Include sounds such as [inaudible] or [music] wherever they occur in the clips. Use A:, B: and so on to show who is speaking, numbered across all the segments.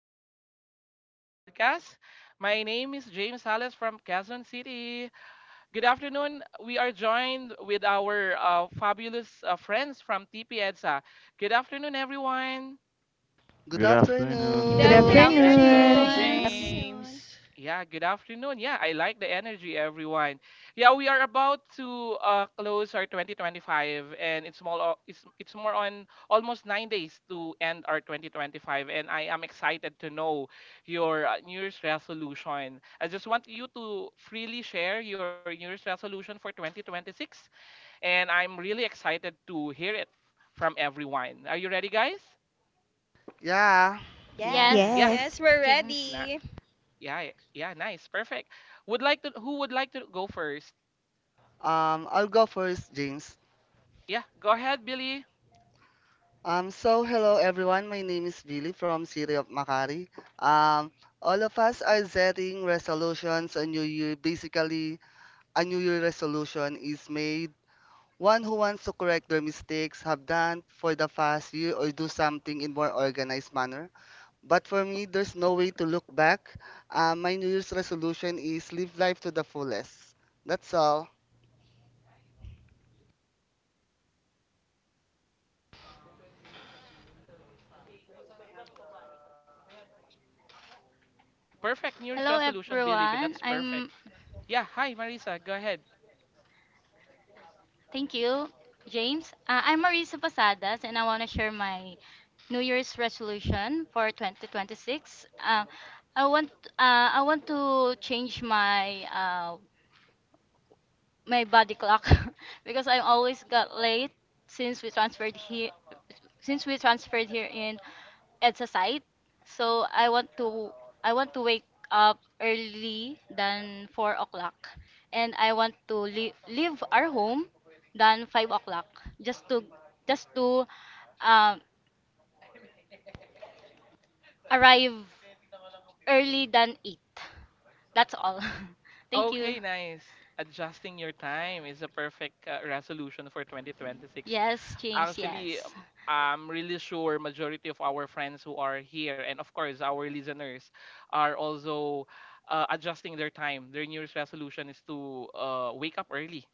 A: everyone. Welcome to our podcast. My name is James Salas from Quezon City. Good afternoon. We are joined with our fabulous friends from TP EDSA. Good afternoon, everyone.
B: Good
C: Good
D: Good
E: Good
F: Good
B: afternoon.
D: afternoon,
C: afternoon.
G: Good
H: Afternoon.
E: afternoon.
F: afternoon.
D: James.
G: afternoon.
I: Afternoon.
A: Yeah, good afternoon. Yeah, I like the energy, everyone. Yeah, we are about to close our 2025, and it's more on almost 9 days to end our 2025, and I am excited to know your New Year's resolution. I just want you to freely share your New Year's resolution for 2026, and I'm really excited to hear it from everyone. Are you ready, guys?
B: Yeah.
I: Yes.
G: Yes.
A: Yeah,
F: Yes,
E: Yes.
D: Yes, we're
F: James.
A: na-
D: ready.
A: yeah, yeah, nice, perfect. Would like to, who would like to go first?
B: I'll go first, James.
A: Yeah, go ahead, Billy.
B: So hello everyone. My name is Billy from City of Makari. Um, all of us are setting resolutions on New Year. Basically, a New Year resolution is made. One who wants to correct their mistakes have done for the past year or do something in more organized manner. But for me, there's no way to look back. My New Year's resolution is live life to the fullest. That's all.
A: Perfect New Year's
F: Hello,
A: resolution, Billy, but
F: everyone.
A: that's perfect.
F: I'm.
A: Yeah, hi, Marisa. Go ahead.
F: Thank you, James. I'm Marisa Pasadas, and I want to share my New Year's resolution for 2026. I want. I want to change my body clock [laughs] because I always got late since we transferred here in EDSA site. So I want to wake up early than 4 o'clock, and I want to leave our home than 5 o'clock, just to um, arrive early than 8. That's all. [laughs] Thank you.
A: Okay, nice. Adjusting your time is a perfect resolution for 2026.
F: Yes, James,
A: Actually,
F: yes.
A: I'm really sure majority of our friends who are here and of course our listeners are also adjusting their time. Their New Year's resolution is to wake up early.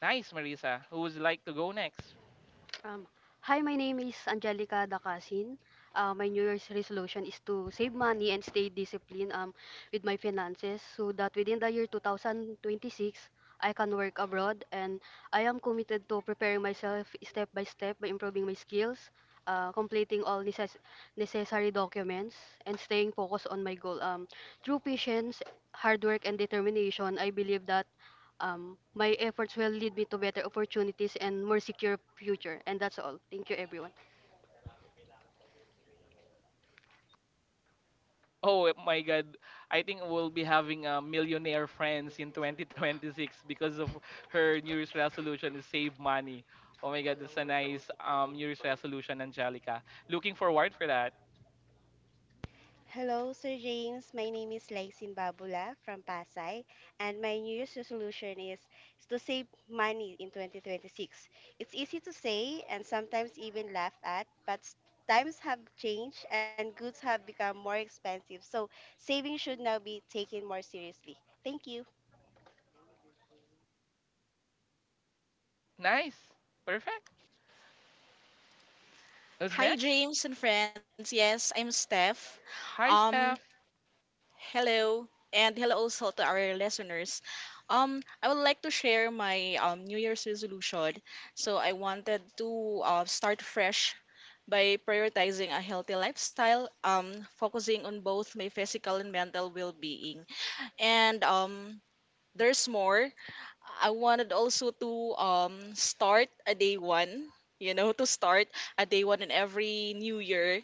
A: Nice, Marisa. Who would like to go next?
J: Um, hi, my name is Angelica Dacasin. My New Year's resolution is to save money and stay disciplined with my finances so that within the year 2026, I can work abroad, and I am committed to preparing myself step by step by improving my skills, completing all necessary documents, and staying focused on my goal. Through patience, hard work, and determination, I believe that my efforts will lead me to better opportunities and more secure future. And that's all. Thank you, everyone.
A: Oh my God. I think we'll be having a millionaire friends in 2026 because of her New Year's resolution is save money. Oh my God, that's a nice New Year's resolution, Angelica. Looking forward for that.
I: Hello, Sir James. My name is Laisin Babula from Pasay, and my New Year's resolution is to save money in 2026. It's easy to say and sometimes even laughed at, but times have changed and goods have become more expensive, so saving should now be taken more seriously. Thank you.
A: Nice. Perfect. Who's
K: Hi,
A: next?
K: James and friends. Yes, I'm Steph.
A: Hi,
K: Um,
A: Steph.
K: hello, and hello also to our listeners. I would like to share my New Year's resolution. So I wanted to start fresh by prioritizing a healthy lifestyle, focusing on both my physical and mental well-being. And there's more. I wanted also to start a day one. To start a day one in every new year.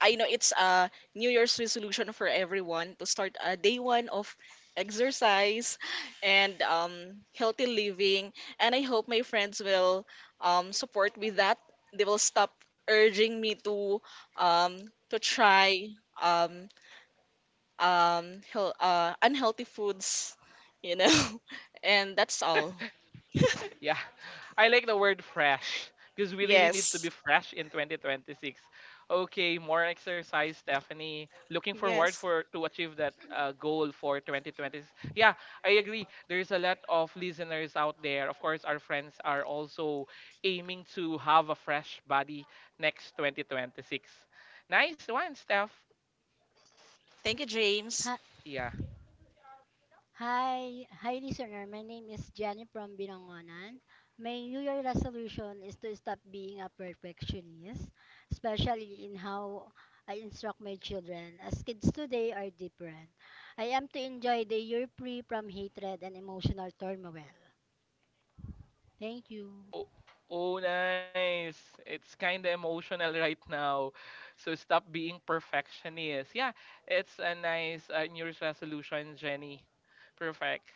K: I know it's a New Year's resolution for everyone to start a day one of exercise and healthy living. And I hope my friends will support with that. They will stop urging me to um, try um, unhealthy foods, you know. [laughs] And that's all. [laughs]
A: Yeah, [laughs] I like the word fresh because we really need to
K: Yes.
A: be fresh in 2026. Okay, more exercise, Stephanie. Looking forward
K: Yes.
A: for to achieve that goal for 2026. Yeah, I agree. There's a lot of listeners out there. Of course, our friends are also aiming to have a fresh body next 2026. Nice one, Steph.
K: Thank you, James.
G: Hi,
A: Yeah.
G: hi, listener. My name is Jenny from Binangonan. My New Year resolution is to stop being a perfectionist, especially in how I instruct my children, as kids today are different. I am to enjoy the year free from hatred and emotional turmoil. Thank you.
A: Oh, oh, nice. It's kind of emotional right now. So stop being perfectionist. Yeah, it's a nice New Year's resolution, Jenny. Perfect.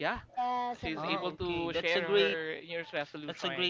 A: Yeah,
G: Yes, I'm
A: she's able
G: done.
A: to share her New Year's resolution.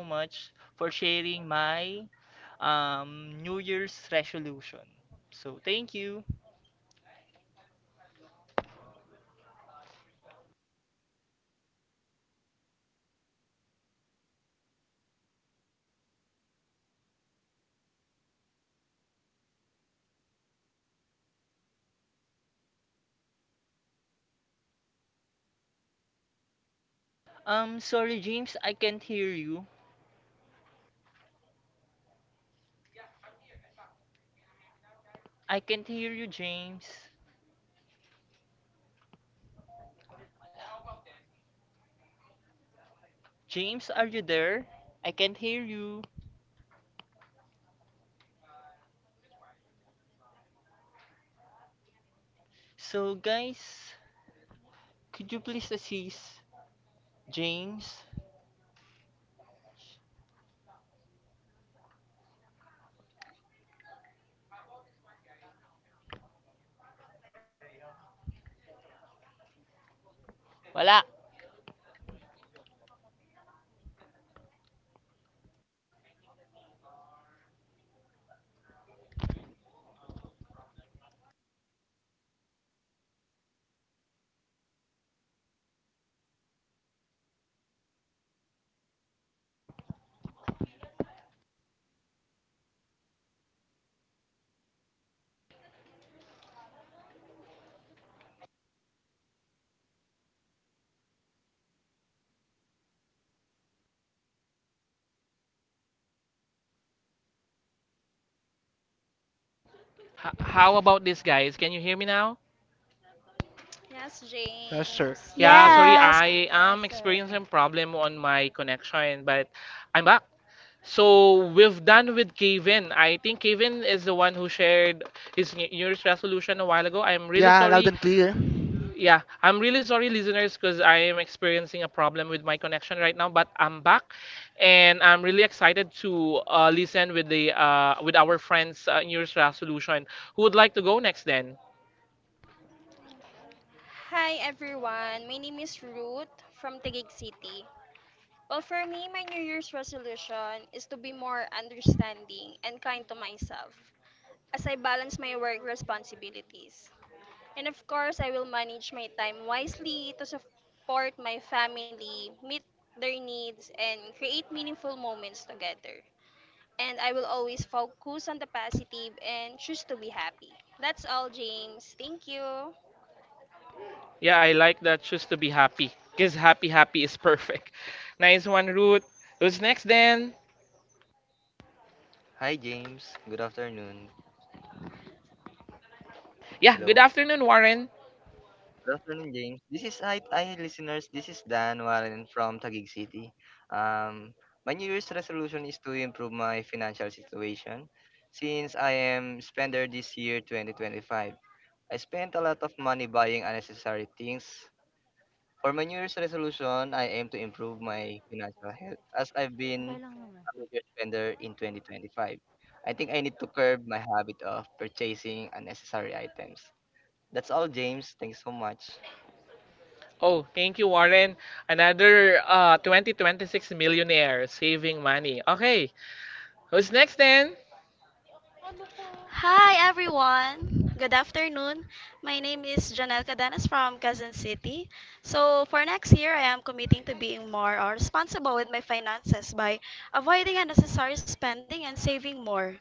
A: Y- Yeah, yeah, nice. That's a long, long New Year's resolution, but I really like it, Kevin. Actually, actually, for me, you need to join Stephanie because Stephanie is also [laughs] aiming a freshness next year. You go with her with jogging, yeah. I'm here, I'm back. Can you hear me now, guys? How about this uh this one? How about this one, guys? Can you hear me? Still cannot join me. I think we are experiencing audio problem. Wait, I'll fix my audio. How about this, guys?
L: How about this, guys? Can you hear me now?
D: Yes,
M: Yes,
B: Yeah,
D: James.
M: sir.
B: loud and
M: Yes,
L: Yeah,
M: sir.
L: sorry,
B: clear.
N: Yes.
L: I am
G: Yes, sir.
L: experiencing problem on my connection, but I'm back. So we've done with Kevin. I think Kevin is the one who shared his New Year's resolution a while ago. I'm really sorry. Yeah, I'm really sorry, listeners, because I am experiencing a problem with my connection right now. But I'm back, and I'm really excited to listen with the with our friends' New Year's resolution. Who would like to go next then?
D: Hi, everyone. My name is Ruth from Taguig City. Well, for me, my New Year's resolution is to be more understanding and kind to myself as I balance my work responsibilities. And of course, I will manage my time wisely to support my family, meet their needs, and create meaningful moments together. And I will always focus on the positive and choose to be happy. That's all, James. Thank you.
L: Yeah, I like that. Choose to be happy. Because happy is perfect. [laughs] Nice one, Ruth. Who's next then?
O: Hi James, good afternoon.
L: Yeah, good
O: Hello.
L: afternoon, Warren.
O: Good afternoon James. This is hi listeners. This is Dan Warren from Taguig City. Um my New Year's resolution is to improve my financial situation since I am spender this year 2025. I spent a lot of money buying unnecessary things. For my New Year's resolution, I aim to improve my financial health as I've
G: Okay
O: been
G: lang naman.
O: a major spender in 2025. I think I need to curb my habit of purchasing unnecessary items. That's all, James. Thanks so much.
L: Oh, thank you, Warren. Another 2026 millionaire saving money. Okay, who's next then?
N: Hi, everyone. Good afternoon. My name is Janelle Cadenas from Quezon City. So, for next year, I am committing to being more responsible with my finances by avoiding unnecessary spending and saving more,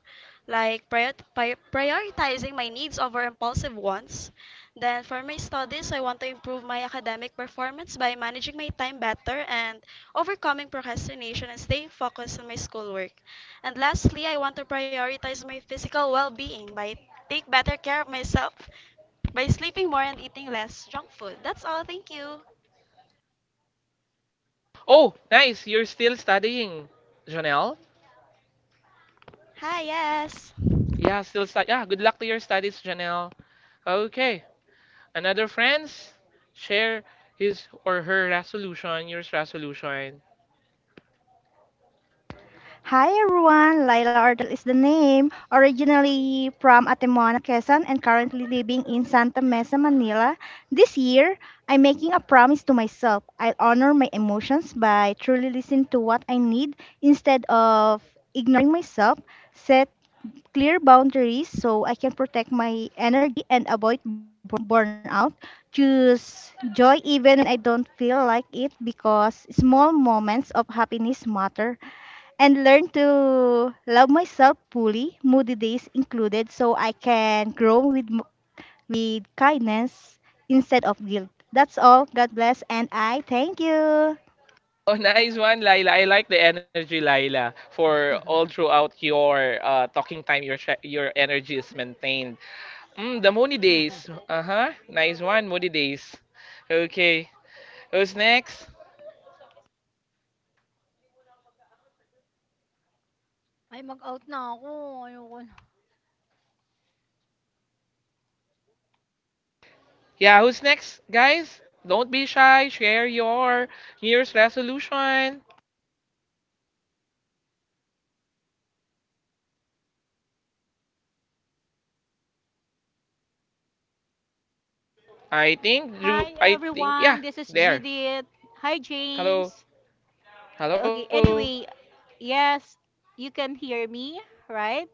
N: like prioritizing my needs over impulsive wants. Then, for my studies, I want to improve my academic performance by managing my time better and overcoming procrastination and staying focused on my schoolwork. And lastly, I want to prioritize my physical well-being by take better care of myself by sleeping more and eating less junk food. That's all. Thank you.
L: Oh, nice. You're still studying, Janelle.
N: Hi, yes.
L: Yeah, still study. Yeah, good luck to your studies, Janelle. Okay, another friends? Share his or her resolution, yours resolution.
E: Hi everyone. Laila Ardal is the name, originally from Atemoana, Quezon and currently living in Santa Mesa, Manila. This year, I'm making a promise to myself. I'll honor my emotions by truly listening to what I need instead of ignoring myself, set clear boundaries so I can protect my energy and avoid burnout. Choose joy even when I don't feel like it because small moments of happiness matter. And learn to love myself fully, moody days included, so I can grow with, with kindness instead of guilt. That's all. God bless. And I thank you.
L: [laughs] Oh, nice one, Laila. I like the energy, Laila. For all throughout your talking time, your your energy is maintained. Mm, the Moody
G: [laughs]
L: Days. Uh huh. Nice one, Moody Days. Okay. Who's next?
G: Ay, mag-out na ako. Ayoko
L: Yeah, who's next, guys? Don't be shy. Share your New Year's resolution. I think
P: Hi
L: you. I think
P: everyone,
L: yeah.
P: this is
L: There.
P: Judith. Hi
L: Hello.
P: James. Okay,
L: Hello.
P: anyway, yes, you can hear me, right?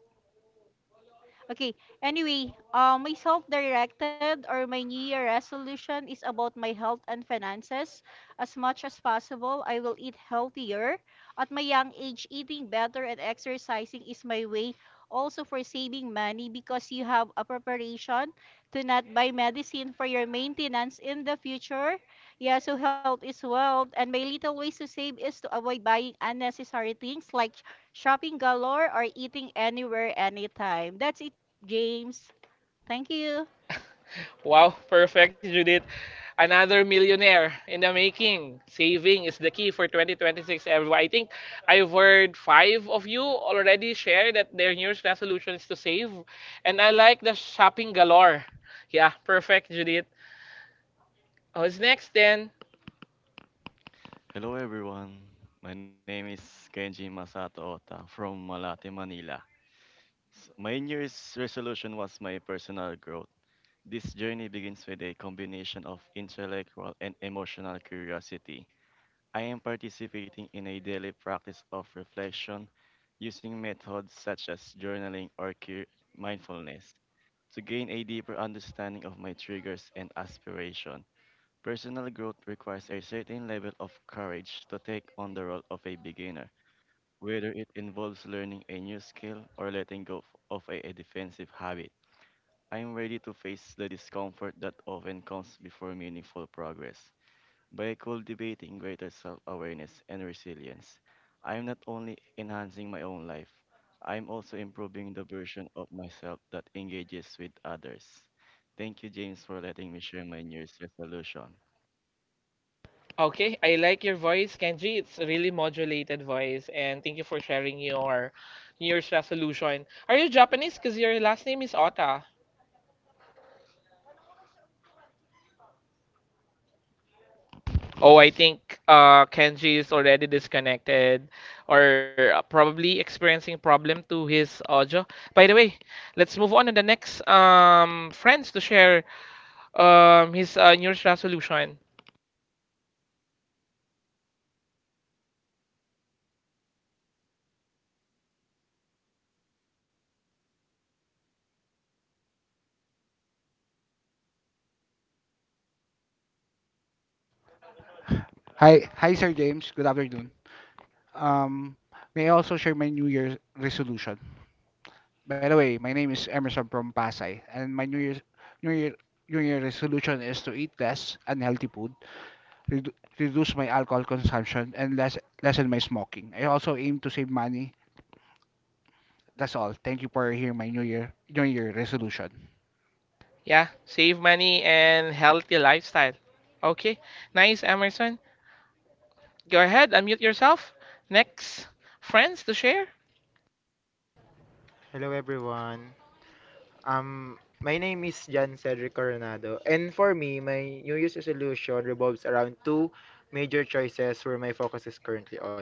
P: Okay. Anyway, my self-directed or my New Year resolution is about my health and finances. As much as possible, I will eat healthier. At my young age, eating better and exercising is my way also for saving money because you have a preparation to not buy medicine for your maintenance in the future. Yeah, so health is wealth. And my little ways to save is to avoid buying unnecessary things like shopping galore or eating anywhere anytime, that's it James. Thank you.
L: Wow, perfect, Judith. Another millionaire in the making. Saving is the key for 2026, everyone. I think I've heard five of you already share that their New Year's resolution is to save. And I like the shopping galore. Yeah, perfect, Judith. Who's next then?
C: Hello, everyone. My name is Kenji Masato Ota from Malate, Manila. My New Year's resolution was my personal growth. This journey begins with a combination of intellectual and emotional curiosity. I am participating in a daily practice of reflection using methods such as journaling or mindfulness to gain a deeper understanding of my triggers and aspirations. Personal growth requires a certain level of courage to take on the role of a beginner, whether it involves learning a new skill or letting go of a defensive habit. I am ready to face the discomfort that often comes before meaningful progress. By cultivating greater self awareness and resilience, I am not only enhancing my own life, I am also improving the version of myself that engages with others. Thank you, James, for letting me share my New Year's resolution.
L: Okay, I like your voice, Kenji. It's a really modulated voice. And thank you for sharing your New Year's resolution. Are you Japanese? Because your last name is Ota. Oh, I think Kenji is already disconnected or probably experiencing problem to his audio. By the way, let's move on to the next friends to share his New Year's resolution.
M: Hi, Sir James. Good afternoon. Um, May I also share my New Year's resolution? By the way, my name is Emerson from Pasay, and my New Year New Year resolution is to eat less unhealthy food, reduce my alcohol consumption, and lessen my smoking. I also aim to save money. That's all. Thank you for hearing my New Year resolution.
L: Yeah, save money and healthy lifestyle. Okay, nice, Emerson. Go ahead, unmute yourself. Next friends to share.
Q: Hello everyone. My name is Jan Cedric Coronado, and for me, my New Year's resolution revolves around two major choices where my focus is currently on.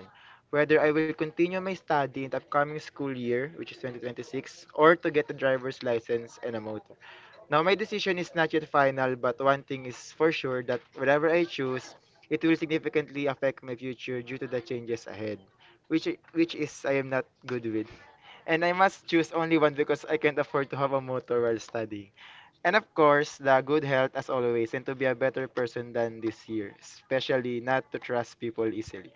Q: Whether I will continue my study in the upcoming school year, which is 2026, or to get a driver's license and a motor. Now, my decision is not yet final, but one thing is for sure that whatever I choose, it will significantly affect my future due to the changes ahead, which is I am not good with. And I must choose only one because I can't afford to have a motor while studying. And of course, the good health as always and to be a better person than this year, especially not to trust people easily.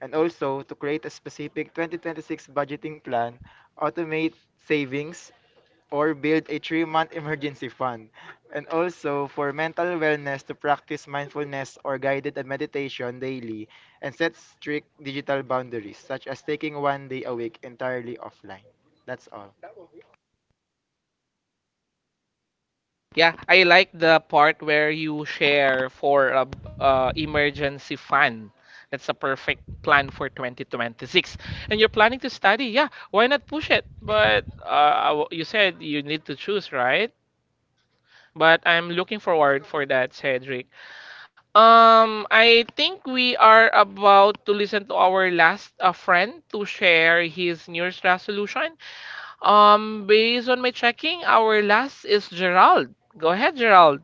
Q: And also to create a specific 2026 budgeting plan, automate savings, or build a 3-month emergency fund. And also, for mental wellness, to practice mindfulness or guided meditation daily and set strict digital boundaries, such as taking one day a week entirely offline. That's all.
L: Yeah, I like the part where you share for a emergency fund. That's a perfect plan for 2026. And you're planning to study. Yeah, why not push it? But you said you need to choose, right? But I'm looking forward for that, Cedric. I think we are about to listen to our last friend to share his New Year's resolution. Based on my checking, our last is Gerald. Go ahead, Gerald.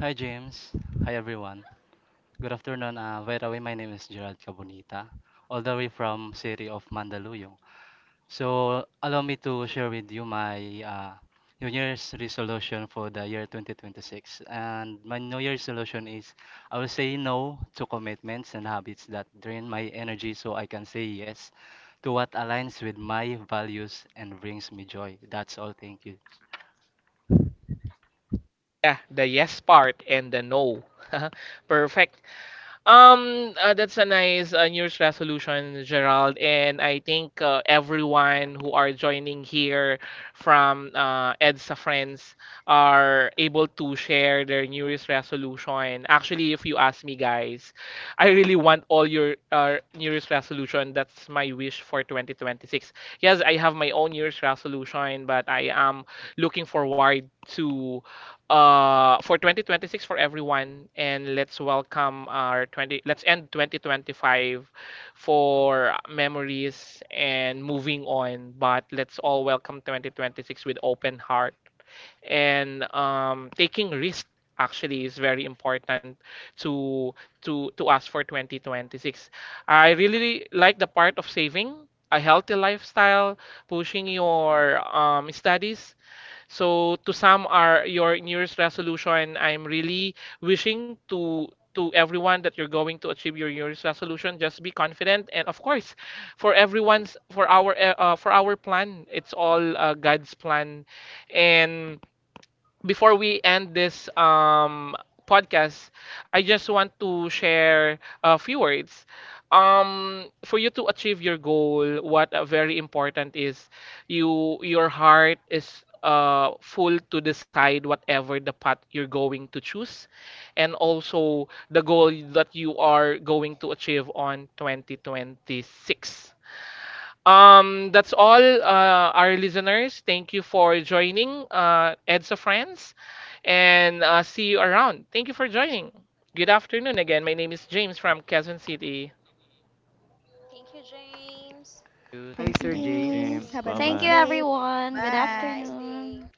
H: Hi, James. Hi, everyone. Good afternoon. By the way, my name is Gerald Cabonita, all the way from city of Mandaluyong. So, allow me to share with you my New Year's resolution for the year 2026. And my New Year's resolution is I will say no to commitments and habits that drain my energy so I can say yes to what aligns with my values and brings me joy. That's all. Thank you.
L: Yeah, the yes part and the no. [laughs] Perfect. That's a nice New Year's resolution, Gerald. And I think everyone who are joining here from EDSA friends are able to share their New Year's resolution. Actually, if you ask me, guys, I really want all your New Year's resolution. That's my wish for 2026. Yes, I have my own New Year's resolution, but I am looking forward to for 2026 for everyone, and let's welcome our 20. Let's end 2025 for memories and moving on. But let's all welcome 2026 with open heart and taking risk actually is very important to to us for 2026. I really like the part of saving a healthy lifestyle, pushing your studies. So to sum our your New Year's resolution, I'm really wishing to everyone that you're going to achieve your New Year's resolution. Just be confident, and of course, for everyone's for our plan, it's all God's plan, and before we end this podcast, I just want to share a few words. For you to achieve your goal, what very important is you your heart is full to decide whatever the path you're going to choose, and also the goal that you are going to achieve on 2026. That's all, our listeners. Thank you for joining, EDSA Friends, and see you around. Thank you for joining. Good afternoon again. My name is James from Quezon City.
B: Thank
D: Thank
C: Thank
D: you,
C: you,
B: you.
C: James. Bye
D: James.
C: bye.
H: Thank you. Thank
Q: Hi,
H: you,
Q: Sir
E: Thank you,
I: Thank you,
H: James.
Q: James.
I: James.
E: James. Have
N: Thank
E: a
I: Thank
N: you,
I: you
E: nice
I: po.
E: day.
N: everyone. Good
D: Have a nice
E: Bye.
D: day.
N: afternoon.